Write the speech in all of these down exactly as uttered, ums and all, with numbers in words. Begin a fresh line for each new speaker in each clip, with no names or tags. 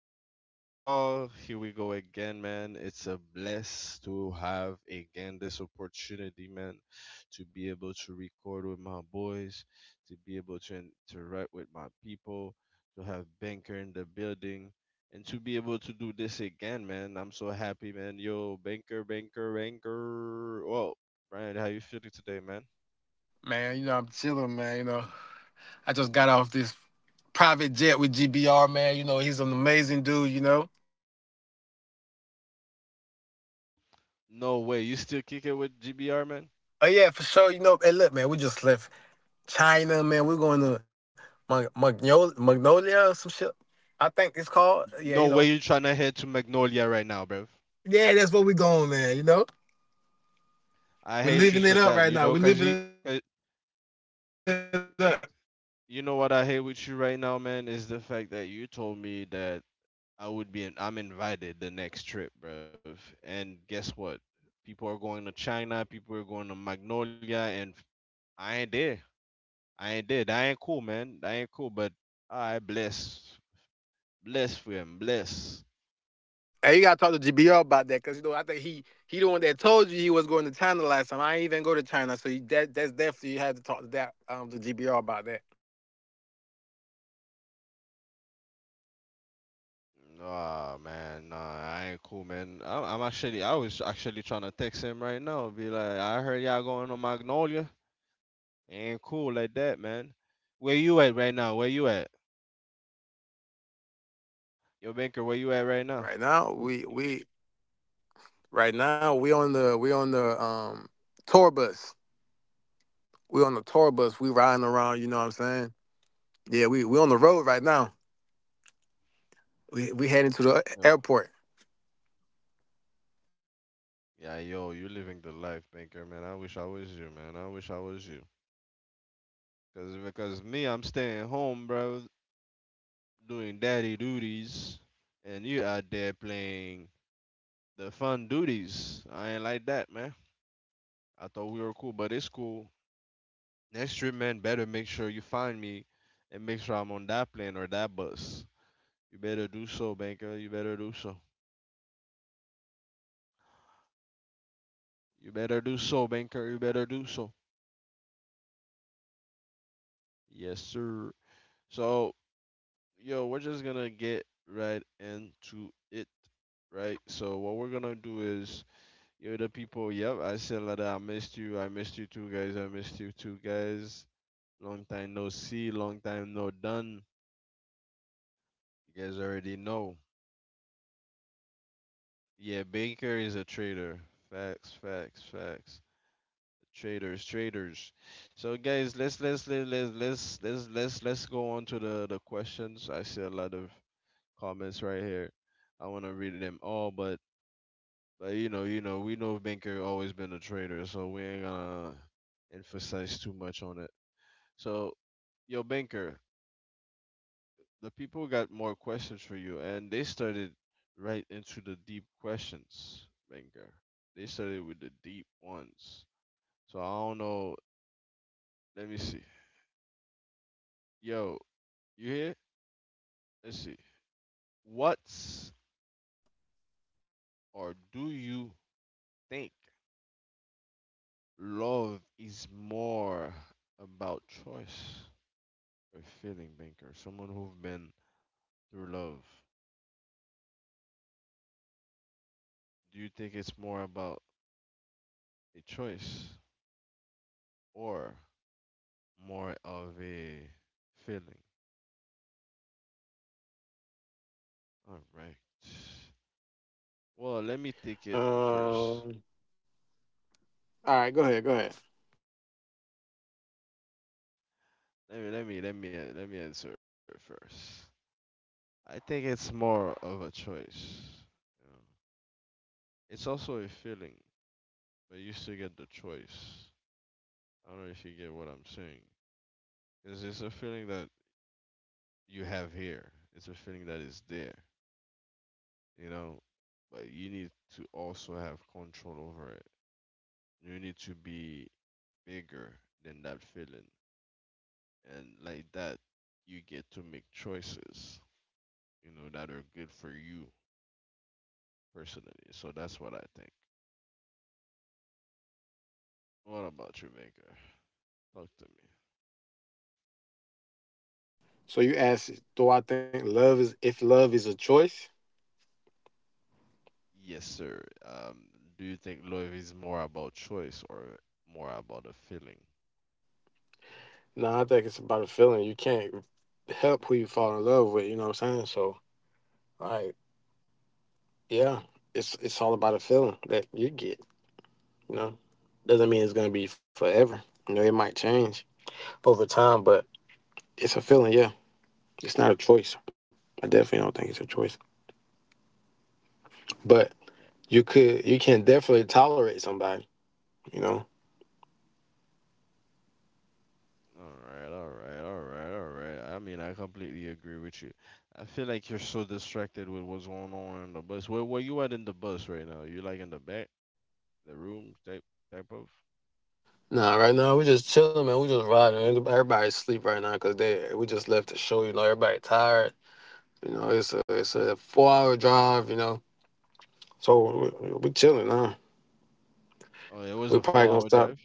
it's your boy Carl. Here we go again, man. It's a bless to have again this opportunity, man, to be able to record with my boys, to be able to interact with my people, to have Banker in the building, and to be able to do this again, man. I'm so happy, man. Yo, Banker, Banker, Banker. Whoa, Brian, how you feeling today, man?
Man, you know, I'm chilling, man. You know, I just got off this private jet with G B R, man. You know, he's an amazing dude, you know.
No way, you still kick it with G B R, man?
Oh, yeah, for sure. You know, hey, look, man, we just left China, man. We're going to Mag- Magnolia, Magnolia or some shit. I think it's called.
No
Yeah,
way
you
you
know.
trying to head to Magnolia right now, bruv.
Yeah, that's where we're going, man. You know,
I
we're
hate you
living
for
it up
that,
right
you
now.
know,
We're
cause
living
you,
it up.
'cause you know what I hate with you right now, man, is the fact that you told me that I would be, in, I'm invited the next trip, bruv. And guess what? People are going to China, people are going to Magnolia, and I ain't there. I ain't there. That ain't cool, man. That ain't cool. But I bless, bless for him, bless.
Hey, you gotta talk to G B R about that, cause you know I think he he the one that told you he was going to China last time. I ain't even go to China, so you, that that's definitely you had to talk to that um to G B R about that.
Nah, man, nah, I ain't cool, man. I, I'm actually, I was actually trying to text him right now, be like, I heard y'all going to Magnolia. Ain't cool like that, man. Where you at right now? Where you at? Yo, Banker, where you at right now?
Right now, we we right now we on the we on the um tour bus. We on the tour bus. We riding around. You know what I'm saying? Yeah, we we on the road right now. We we heading to the
Yo.
airport.
Yeah, yo, you living the life, Banker, man. I wish I was you, man. I wish I was you. Cause because me, I'm staying home, bro,
Yeah.
doing daddy duties, and you out there playing the fun
Oh yeah, yeah,
duties.
yeah, yeah.
I
You
ain't
know.
like that, man. I
Hey
thought we
man,
were
look,
cool, but it's
hey,
cool.
you
Next
always
trip, man,
invited,
better
man.
make sure you find me and make sure I'm on that plane or that bus.
No,
You
matter of
better
fact,
do
we can
so,
we can
Banker.
send you
You better do
airplanes. You
so.
can send you the airplane, man, and you just bring the podcast with you. You know what I'm saying? You
You
meet us
better
out
do
there.
so, Banker. You better do so. Yes, sir. So, yo, we're just gonna get right into it, right? So, what we're gonna do is, yo, the people, yep, I said that I missed you. I missed you too, guys. I missed you too, guys. Long time no see. Long time no done. You guys already know. Yeah, Baker is a traitor. Facts, facts, facts. Traders, traders. So guys, let's let's let's let's let's let's let's, let's go on to the the questions. I see a lot of comments right here. I want to read them all, but but you know you know we know Binker always been a trader, so we ain't gonna emphasize too much on it. So yo Binker, the people
What's
got
the
more
word, man?
questions for you, and they started right into the deep questions, Binker. They started with the deep ones. So I don't know. Let me see. Yo, you hear? Let's see. What's or do you think love is more about choice or feeling, Banker? Someone who've been through love. Do you think it's more about a choice or more of a feeling? All right. Well, let me take it
Um.
first.
All right, go ahead, go ahead.
Let me let me let me let me answer it first. I think it's more of a choice. You know. It's also a feeling but you still get the choice. I don't know if you get what I'm saying. It's, it's a feeling that you have here. It's a feeling that is there, you know. But you need to also have control over it. You need to be bigger than that feeling, and like that, you get to make choices, you know, that are good for you personally. So that's what I think. What about you, Maker? Talk to me.
So you ask, do I think love is if love is a choice?
Yes, sir. Um, do you think love is more about choice or more about a feeling?
No, I think it's about a feeling. You can't help who you fall in love with. You know what I'm saying? So, like, yeah, it's it's all about a feeling that you get. You know, doesn't mean it's gonna be forever. You know, it might change over time, but it's a feeling. Yeah, it's not a choice. I definitely don't think it's a choice. But you could, you can definitely tolerate somebody. You know,
All right, all right, all right, all right. I mean, I completely agree with you. I feel like you're so distracted with what's going on in the bus. Where where you at in the bus right now? You like in the back, the room type type of?
nah, right now we just chilling, man. We just riding. Everyb- Everybody's sleep right now because they we just left the show. You know, everybody tired. You know, it's a it's a four hour drive. You know, so we, we chilling now.
Oh, it was
We
a
probably
four
gonna
hour
stop.
drive.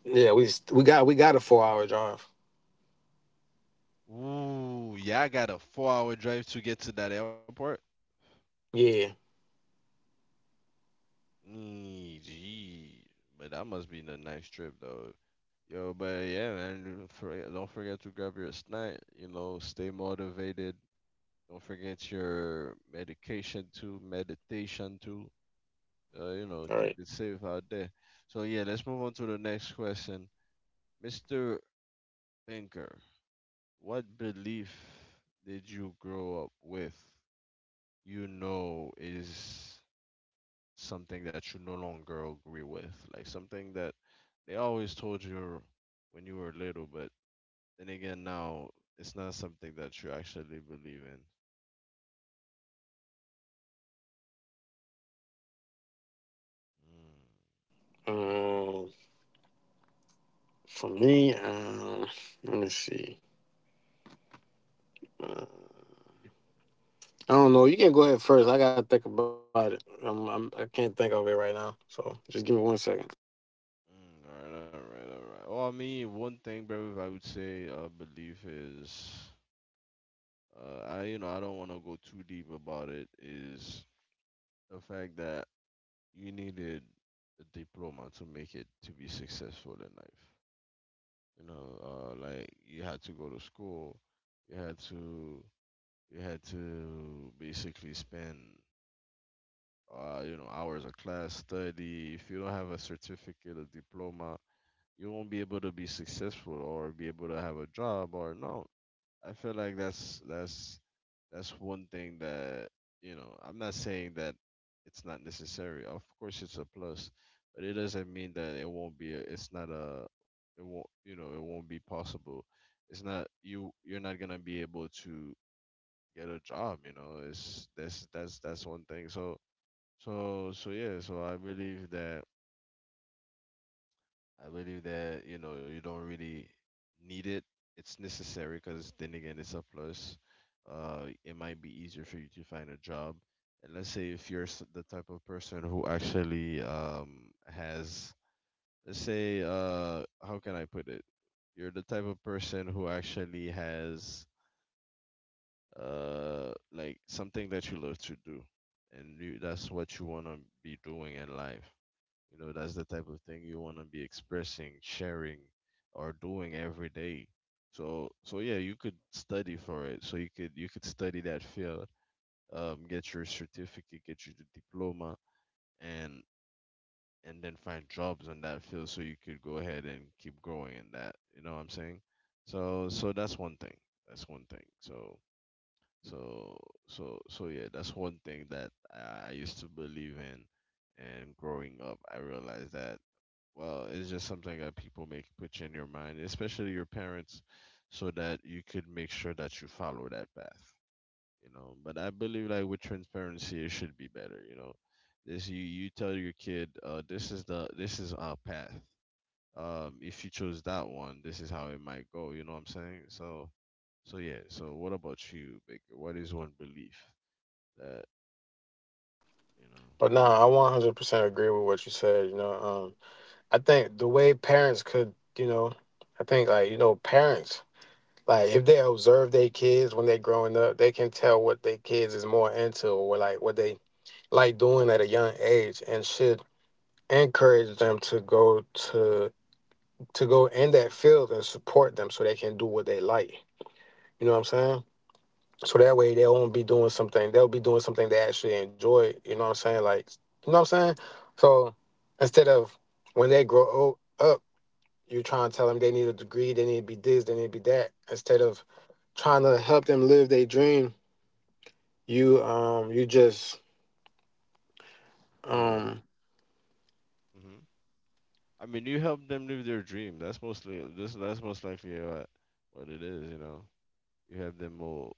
Yeah, we s- we got we got a four hour drive.
Ooh, yeah, I got a four hour drive to get to that airport.
Yeah.
Mm, gee. But that must be a nice trip though. Yo, but yeah, man, don't forget don't forget to grab your snack, you know, stay motivated. Don't forget your medication too, meditation too. Uh, you know,
All right.
keep it safe out there. So yeah, let's move on to the next question. mister Pinker, what belief did you grow up with? You know is something that you no longer agree with, like something that they always told you when you were little, but then again, now it's not something that you actually believe in.
Um, for me, um, let me see. Uh, I don't know. You can go ahead first. I gotta think about it. I'm, I'm I can't think of it right now. So just give me one second.
Mm, mm, all right, all right, all right. Well, I mean, one thing, bro, I would say uh, belief is, uh, I you know, I don't want to go too deep about it. Is the fact that you needed a diploma to make it to be successful in life. You know, uh, like you had to go to school. You had to you had to basically spend uh, you know hours of class study. If you don't have a certificate, a diploma, you won't be able to be successful or be able to have a job or no. I feel like that's that's that's one thing that you know. I'm not saying that it's not necessary. Of course, it's a plus, but it doesn't mean that it won't be. A, it's not a. It won't. You know, it won't be possible. It's not you. You're not gonna be able to get a job. You know, it's that's that's that's one thing. So so so yeah. So I believe that I believe that you know you don't really need it. It's necessary because then again, it's a plus. Uh, it might be easier for you to find a job. And let's say if you're s- the type of person who actually um has, let's say, uh, how can I put it? You're the type of person who actually has uh like something that you love to do, and you, that's what you wanna be doing in life. You know, that's the type of thing you want to be expressing, sharing, or doing every day. So, so yeah, you could study for it. So you could you could study that field, um, get your certificate, get your diploma, and and then find jobs in that field so you could go ahead and keep growing in that. You know what I'm saying? So, so that's one thing. That's one thing. So, so, so, so yeah, that's one thing that I I used to believe in and growing up, I realized that well, it's just something that people make put in your mind, especially your parents, so that you could make sure that you follow that path. You know, but I believe like with transparency, it should be better. You know, this you you tell your kid, uh, this is the this is our path. Um, if you chose that one, this is how it might go. You know what I'm saying? So, so yeah. So what about you, Baker? What is one belief that you know?
But nah, I one hundred percent agree with what you said. You know, um, I think the way parents could, you know, I think like, you know, parents, like if they observe their kids when they're growing up, they can tell what their kids is more into or like what they like doing at a young age and should encourage them to go to to go in that field and support them so they can do what they like. You know what I'm saying? So that way they won't be doing something, they'll be doing something they actually enjoy, you know what I'm saying? Like you know what I'm saying? So instead of when they grow old, up you trying to tell them they need a degree, they need to be this, they need to be that. Instead of trying to help them live their dream, you um you just
Yeah.
um
I mean, you help them live their dream. That's mostly this. That's most likely what what it is. You know, you help them all.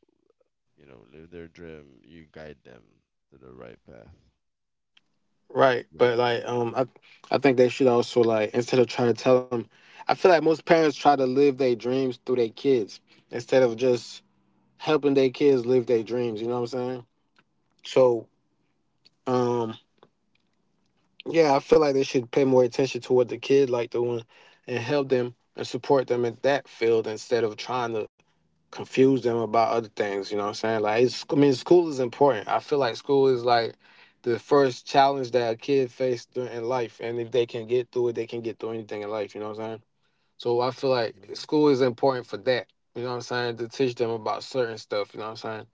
You know, live their dream. You guide them to the right path.
right. But
Right.
like um I I think they should also like instead of trying to tell them, I feel like most parents try to live their dreams through their kids instead of just helping their kids live their dreams. You know what I'm saying? So um. Yeah, I feel like they should pay more attention to what the kid like doing and help them and support them in that field instead of trying to confuse them about other things, you know what I'm saying? Like it's I mean school is important. I feel like school is like the first challenge that a kid faced during in life, and if they can get through it, they can get through anything in life, you know what I'm saying? So I feel
Mhm.
like school is important for that. You know what I'm saying? To teach them about certain stuff, you know what I'm saying?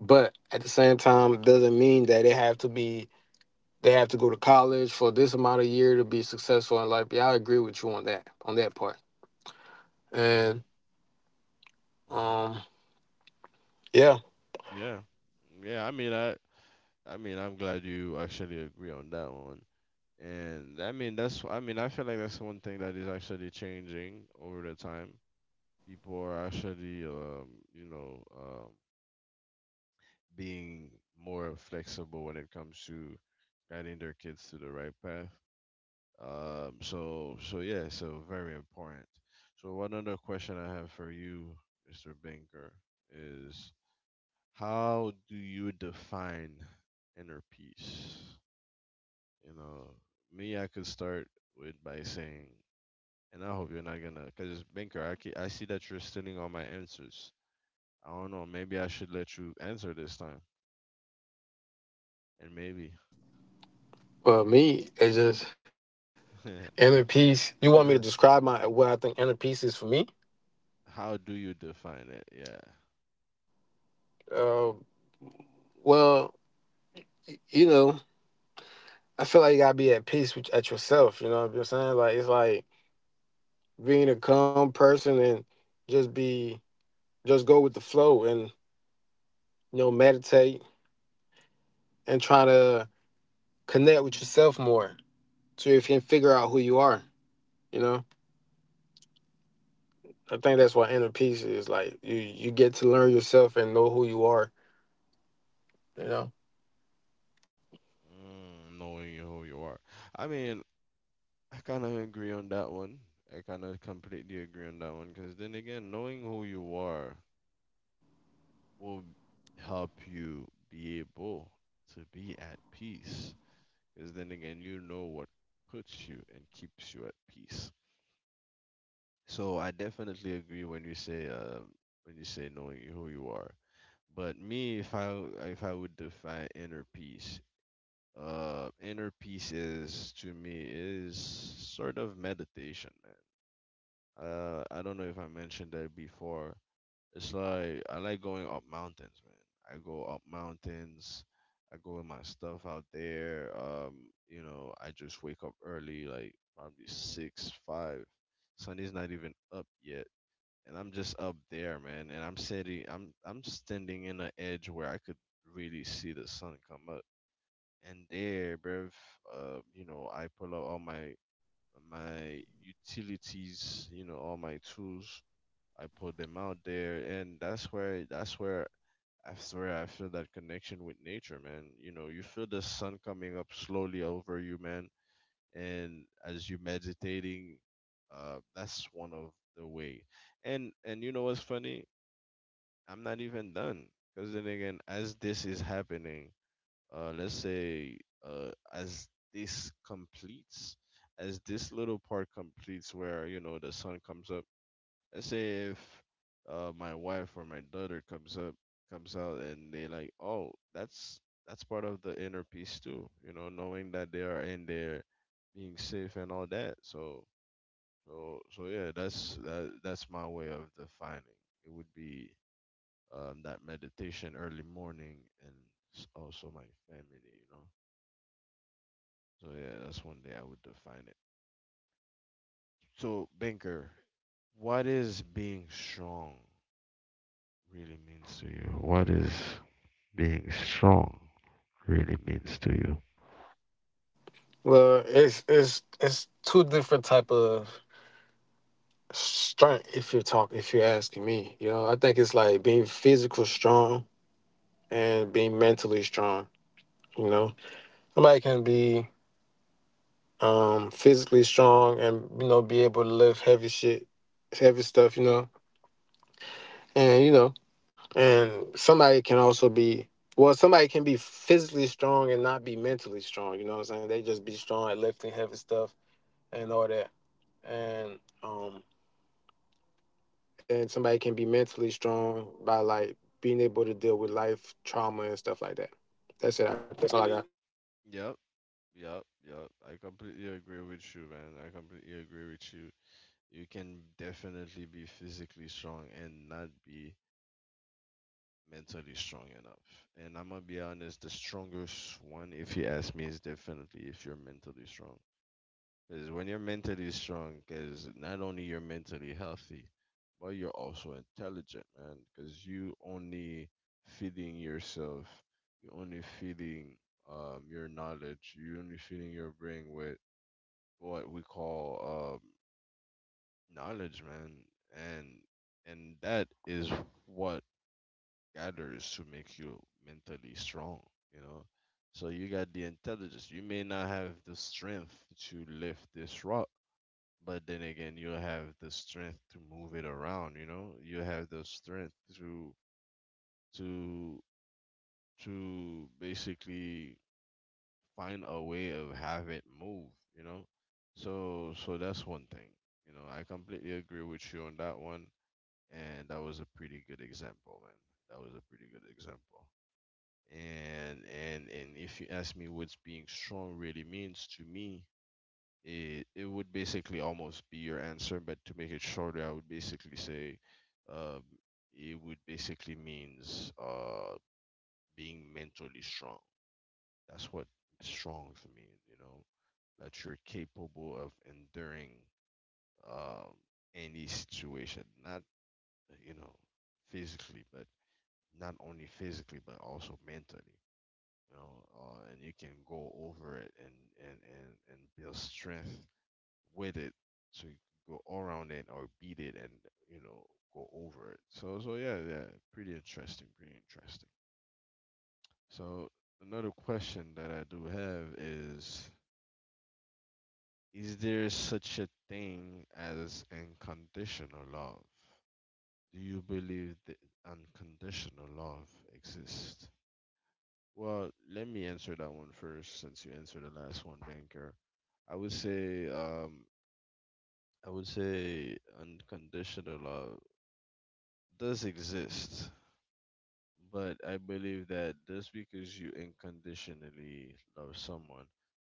But at the same time, doesn't mean that they have to be they have to go to college for this amount of year to be successful in life. Yeah, I agree with you on that, on that part.
Mhm.
And
Mhm.
um, yeah,
Yeah. Yeah. I mean, I. I mean, I'm glad you actually agree on that one. And I mean, that's. I mean, I feel like that's one thing that is actually changing over the time. People are actually, um, you know, um, being more flexible when it comes to guiding their kids to the right path. Um, so, so yeah, so very important. So, one other question I have for you, mister Banker, is how do you define inner peace? You know, me, I could start with by saying, and I hope you're not gonna, because Banker, I, ke- I see that you're stealing all my answers. I don't know, maybe I should let you answer this time, and maybe.
but me, it's just inner peace. You want me to describe my what I think inner peace is for me?
How do you define it? Yeah.
Uh, well, you know, I feel like you gotta be at peace with at yourself. You know what I'm saying? Like it's like being a calm person and just be just go with the flow, and you know meditate and try to connect with yourself more so you can figure out who you are. You know. I think that's what inner peace is like. You you get to learn yourself and know who you are. You know.
Mm, knowing who you are. I mean, I kind of agree on that one. I kind of completely agree on that one because then again, knowing who you are will help you be able to be at peace. Because then again, you know what puts you and keeps you at peace. So I definitely agree when you say um, when you say knowing who you are. But me, if I if I would define inner peace, Uh, inner peace is to me is sort of meditation, man. Uh, I don't know if I mentioned that before. It's like I like going up mountains, man. I go up mountains. I go with my stuff out there. Um, you know, I just wake up early, like probably six, five. Sun is not even up yet, and I'm just up there, man. And I'm sitting, I'm I'm standing in an edge where I could really see the sun come up and there, bruv, uh, you know, I pull out all my my utilities, you know, all my tools. I pull them out there, and that's where that's where I swear I feel that connection with nature, man. You know, you feel the sun coming up slowly over you, man, and as you meditating, uh, that's one of the way. And and you know what's funny? I'm not even done because then again, as this is happening, uh, let's say uh, as this completes, as this little part completes, where you know the sun comes up. Let's say if uh, my wife or my daughter comes up, comes out, and they like, oh, that's that's part of the inner peace too. You know, knowing that they are in there, being safe and all that. So, so, so yeah, that's that, that's my way of defining. It would be um, that meditation early morning and s- also my family. You know. So yeah, that's one day I would define it. So Banker, what is being strong really means to you? What is being strong really means to you?
Well, it's it's it's two different type of strength if you're talk if you're asking me. You know, I think it's like being physical strong and being mentally strong. You know, somebody can be um physically strong and you know be able to lift heavy shit, heavy stuff. You know, and you know, and somebody can also be well, somebody can be physically strong and not be mentally strong, you know what I'm saying? They just be strong at lifting heavy stuff and all that. And um and somebody can be mentally strong by like being able to deal with life trauma and stuff like that. That's it. I- That's all I got.
Yep, yep, yep. I completely agree with you, man. I completely agree with you. You can definitely be physically strong and not be mentally strong enough. And I'm gonna be honest, the strongest one, if you ask me, is definitely if you're mentally strong. Because when you're mentally strong, because not only you're mentally healthy, but you're also intelligent, man. Because you only feeding yourself, you only feeding um, your knowledge, you only feeding your brain with what we call um, knowledge, man. And and that is what gathers to make you mentally strong, you know. So you got the intelligence. You may not have the strength to lift this rock but then again, you'll have the strength to move it around, you know? You have the strength to to to basically find a way of have it move, you know? So so that's one thing. You know, I completely agree with you on that one. And that was a pretty good example, man. That was a pretty good example. And and and if you ask me what being strong really means to me, it, it would basically almost be your answer, but to make it shorter, I would basically say um, it would basically means uh, being mentally strong. That's what strong for me, you know, that you're capable of enduring um, any situation, not, you know, physically, but not only physically, but also mentally. You know, uh, and you can go over it and, and, and, and build strength with it, so you can go all around it or beat it and you know go over it. So so yeah, yeah, pretty interesting, pretty interesting. So another question that I do have is. Is there such a thing as unconditional love? Do you believe that unconditional love exists? Well, let me answer that one first since you answered the last one, Banker. I would say um I would say unconditional love does exist, but I believe that just because you unconditionally love someone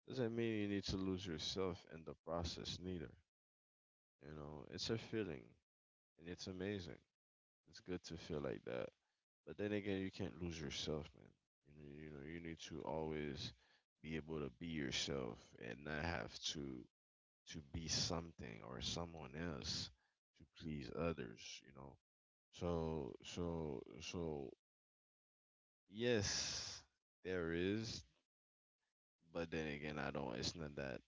doesn't mean you need to lose yourself in the process, neither. You know, it's a feeling and it's amazing. It's good to feel like that. But then again, you can't lose yourself, man. You know, you know, you need to always be able to be yourself and not have to to be something or someone else to please others, you know. So, so, so yes, there is, but then again, I don't. It's not that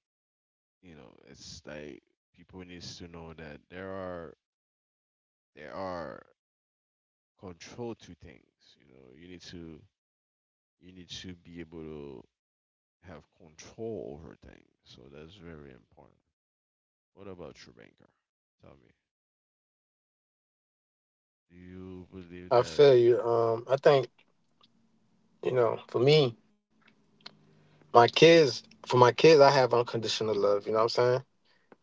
you know. It's like people needs to know that there are there are control to things. You know, you need to you need to be able to have control over things. So that's very important. What about you, Banker? Tell me, do you believe
I
that?
feel you. Um I think, you know, for me, my kids for my kids I have unconditional love, you know what I'm saying?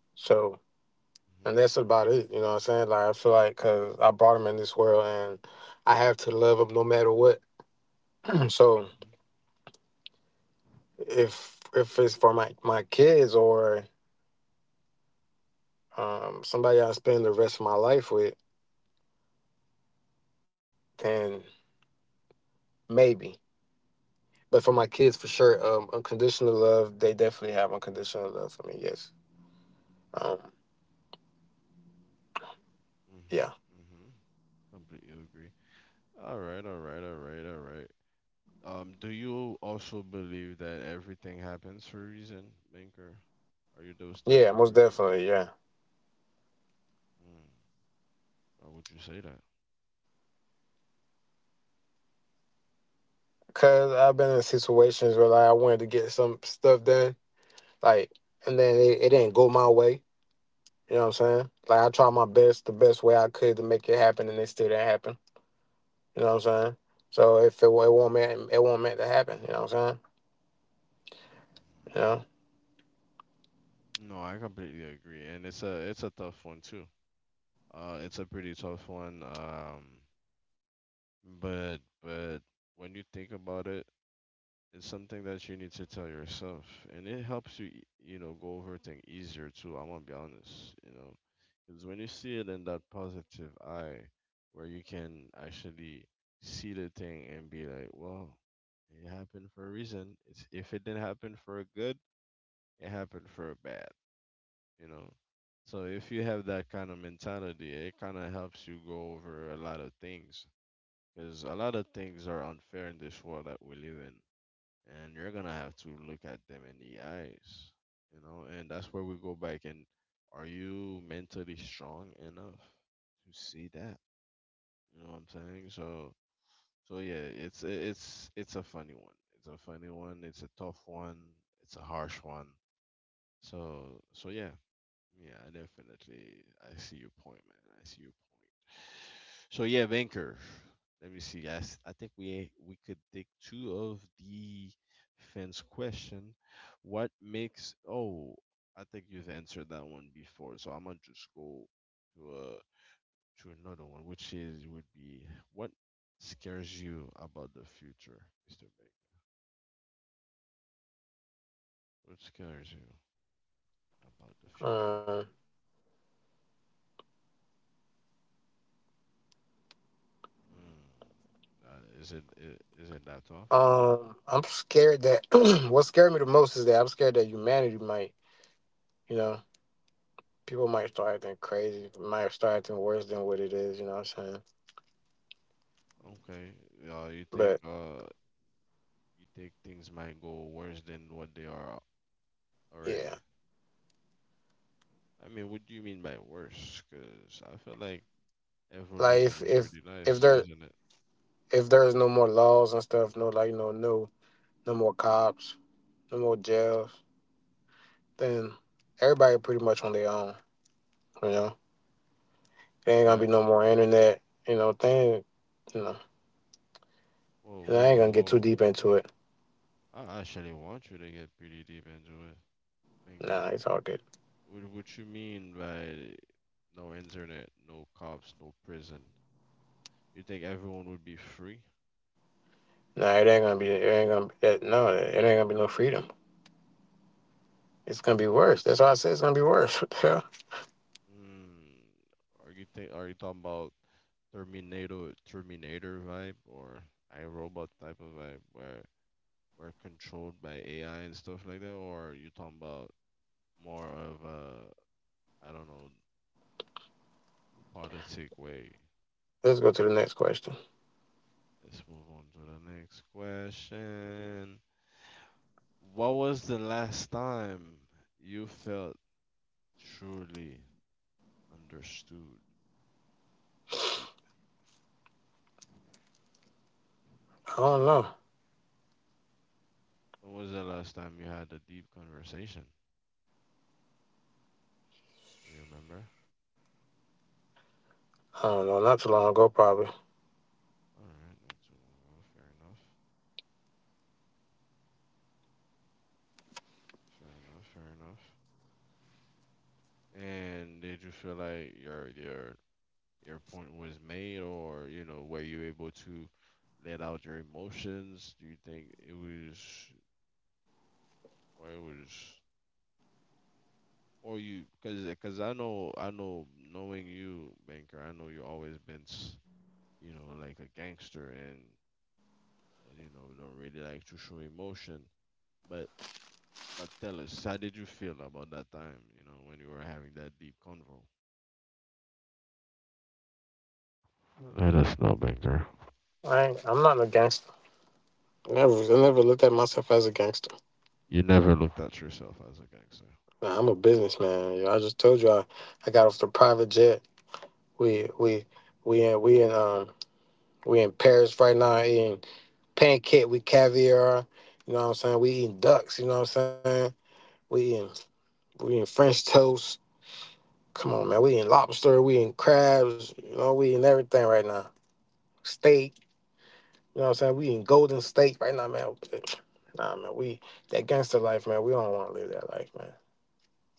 So and that's about it. You know what I'm saying? Like I feel like because I brought him in this world, and I have to love him no matter what.
Hmm,
so
hmm.
if if it's for my my kids or um, somebody I spend the rest of my life with, then maybe. But for my kids, for sure, um, unconditional love. They definitely have unconditional love for me. Yes. Um,
Hmm,
yeah.
hmm. Completely agree. All right, all right, all right, all right. Um, do you also believe that everything happens for a reason, Banker? Are you those type
Yeah.
of
Most
person?
definitely. Yeah.
Mm, why would you say that?
Cause I've been in situations where like I wanted to get some stuff done, like, and then it, it didn't go my way. You know what I'm saying? Like I tried
Mhm.
my best, the best way I could to make it happen, and it still didn't happen. You know what I'm saying? So if it, it won't meant it won't meant to happen. You know what I'm saying? You know.
No, I completely agree, and it's a it's a tough one too. Uh, it's a pretty tough one. Um, but but when you think about it, it's something that you need to tell yourself, and it helps you, e- you know, go over things easier too. I'm gonna be honest, you know, because when you see it in that positive eye, where you can actually see the thing and be like, well, it happened for a reason. It's if it didn't happen for a good, it happened for a bad, you know. So if you have that kind of mentality, it kind of helps you go over a lot of things, because a lot of things are unfair in this world that we live in and you're gonna have to look at them in the eyes, you know, and that's where we go back and are you mentally strong enough to see that? You know what I'm saying? So so yeah, it's it's it's a funny one. It's a funny one, it's a tough one, it's a harsh one. So so yeah, yeah, I definitely I see your point, man. I see your point. So yeah, Banker. Let me see, guys. I think we we could take two of the fans' question. What makes? Oh, I think you've answered that one before. So I'm gonna just go to uh to another one, which is would be what scares you about the future, mister Banker. What scares you about the
Um,
future? Hmm. Uh, is it i- is it that tough?
um, I'm scared that what scared me the most is that I'm scared that humanity might, you know, people might start acting crazy, might start acting worse than what it is. You know what I'm saying?
Okay. Uh, you think
But
uh You think things might go worse than what they are already?
yeah,
I mean, what do you mean by worse? Because I feel like
like
evolution
if
is
if
pretty
if
nice,
there
isn't it?
if there's no more laws and stuff, no like you know no no more cops, no more jails, then everybody pretty much on their own. You know, there ain't gonna
I
be no more internet. You know, thing. You know,
whoa,
and I
whoa,
ain't gonna get too
whoa!
deep into it.
I actually want you to get pretty deep into it, Minger.
Nah, it's all good.
What what you mean by no internet, no cops, no prison? You think everyone would be free?
Nah, it ain't gonna be. It ain't gonna be that. No, it ain't gonna be no freedom. It's gonna be worse. That's why I said it's gonna be worse. What the hell?
Mm, are you think are you talking about Terminator Terminator vibe or iRobot type of vibe where were controlled by A I and stuff like that, or you talking about more of a I don't know politic way?
Let's go to the next question.
Let's move on to the next question. What was the last time you felt truly understood? Deep, deep.
I don't know.
When was the last time you had a deep conversation? Do you remember?
I don't know. Not too long ago, probably.
All right, not too long ago. Fair enough. Fair enough. Fair enough. And did you feel like your your your point was made, or you know, were you able to let out your emotions? Do you think it was, or it was, or you, because because I know I know knowing you, Banker, I know you always been, s- you know, like a gangster and and you know don't really like to show emotion, but. But tell us, how did you feel about that time, you know, when you were having that deep convo? Let us know, Banker.
I ain't, I'm not a gangster. Never, I never looked at myself as a gangster.
You never looked at yourself as a gangster.
Nah, I'm a businessman. You know, I just told you I, I got off the private jet. We, we, we in, we in um We're in Paris right now eating pancake with caviar. You know what I'm saying? We eating ducks, you know what I'm saying? We eating we eating French toast. Come on, man. We eating lobster, we eating crabs, you know, we eating everything right now. Steak, you know what I'm saying? We eating golden steak right now, man. Nah man, we that gangster life, man, we don't wanna live that life, man.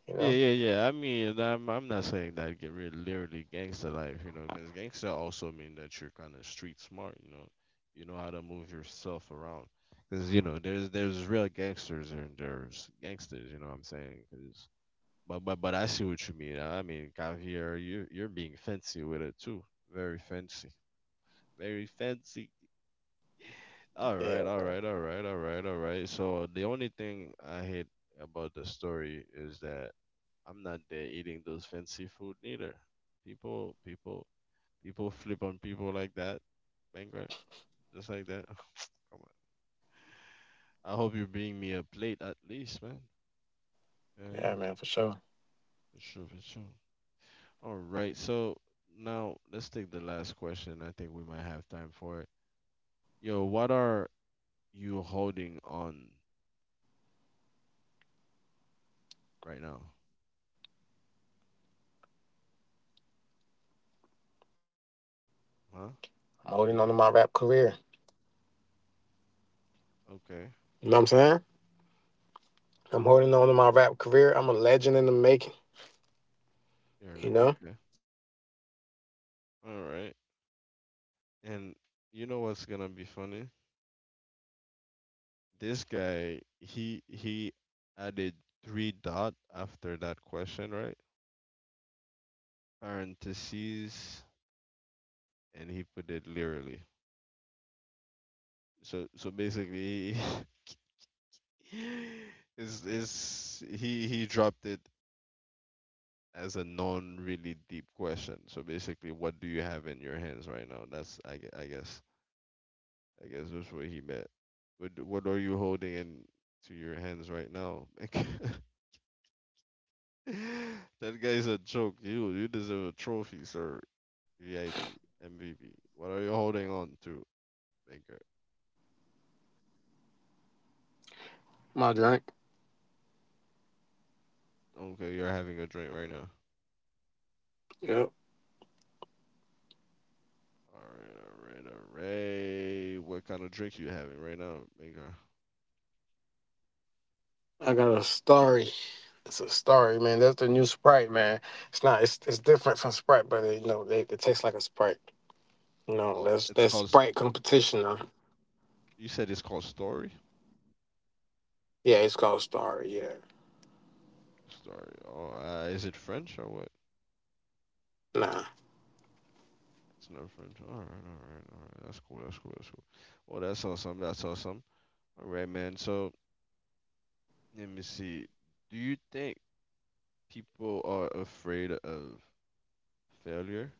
You
Yeah,
know?
yeah, yeah. I mean, I'm I'm not saying that get rid literally gangster life, you know, because gangster also mean that you're kind of street smart, you know, you know how to move yourself around. Because you know, there's there's real gangsters and there's gangsters, you know what I'm saying? 'Cause but but but I see what you mean. I mean, Javier, you you're being fancy with it too, very fancy, very fancy. All
Yeah,
right, all
man.
right, all right, all right, all right. So the only thing I hate about the story is that I'm not there eating those fancy food neither. People, people, people flip on people like that, bankrupt, just like that. Come on. I hope you bring me a plate at least, man. Yeah, yeah,
Yeah, man, for sure.
for sure, for sure. All right, so now let's take the last question. I think we might have time for it. Yo, what are you holding on right now?
I'm
Huh?
holding on to my rap
Bankrupt?
career.
Okay.
You know what I'm saying? I'm holding on to my rap career. I'm a legend in the making,
You're in the,
you know?
okay. All right. And you know what's gonna be funny? This guy, he he added three dot after that question, right? Parentheses, and he put it literally. So so basically, is is he he dropped it as a non really deep question. So basically, what do you have in your hands right now? That's I, gue- I guess I guess that's what he meant. What what are you holding in to your hands right now? That guy's a joke. You you deserve a trophy, sir. V I P, M V P. What are you holding on to, Baker?
My drink.
Okay, you're having a drink right now.
Yep.
All right, all right, all right. What kind of drink you having right now, Baker?
I got a starry. It's a starry, man. That's the new Sprite, man. It's not. It's it's different from Sprite, but it, you know, they, it tastes like a Sprite. You
Oh,
know, that's
it's
that's
called. s-
Sprite competition. Though.
you said it's called Story.
Yeah, it's called starry. Yeah,
Story. Oh, uh, is it French or what?
nah.
It's not French. All right, all right, all right. That's cool. That's cool. That's cool. Oh, that's awesome. That's awesome. All right, man. So let me see. Do you think people are afraid of failure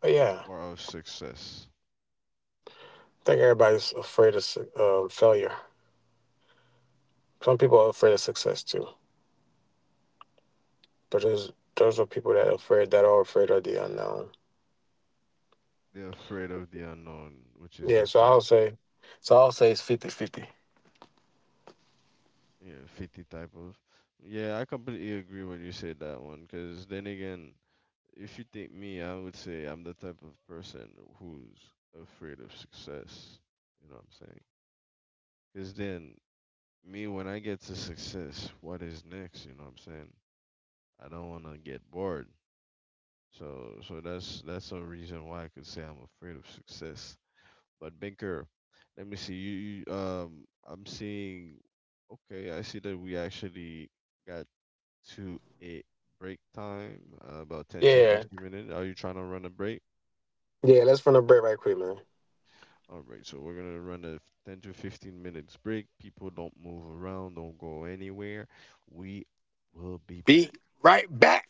But yeah, I
or of success?
think everybody's afraid of su- um, failure. Some people are afraid of success too, but there's those are people that are afraid that are afraid of the unknown.
They're afraid of the unknown, which is
Yeah,
the
so I'll
fact.
say, so I'll say it's fifty fifty.
Yeah, fifty type of. Yeah, I completely agree when you said that one. Because then again, if you think me, I would say I'm the type of person who's afraid of success. You know what I'm saying? Because then, me, when I get to success, what is next? You know what I'm saying? I don't want to get bored. So so that's that's a reason why I could say I'm afraid of success. But Binker, let me see you, you um I'm seeing okay, I see that we actually got to a break time, uh, about ten to
Yeah,
fifteen minutes. Are you trying to run a break?
yeah. Let's run a break right quick, man.
All right, so we're gonna run a f- ten to fifteen minutes break. People don't move around, don't go anywhere. We will be
Be
back.
right back.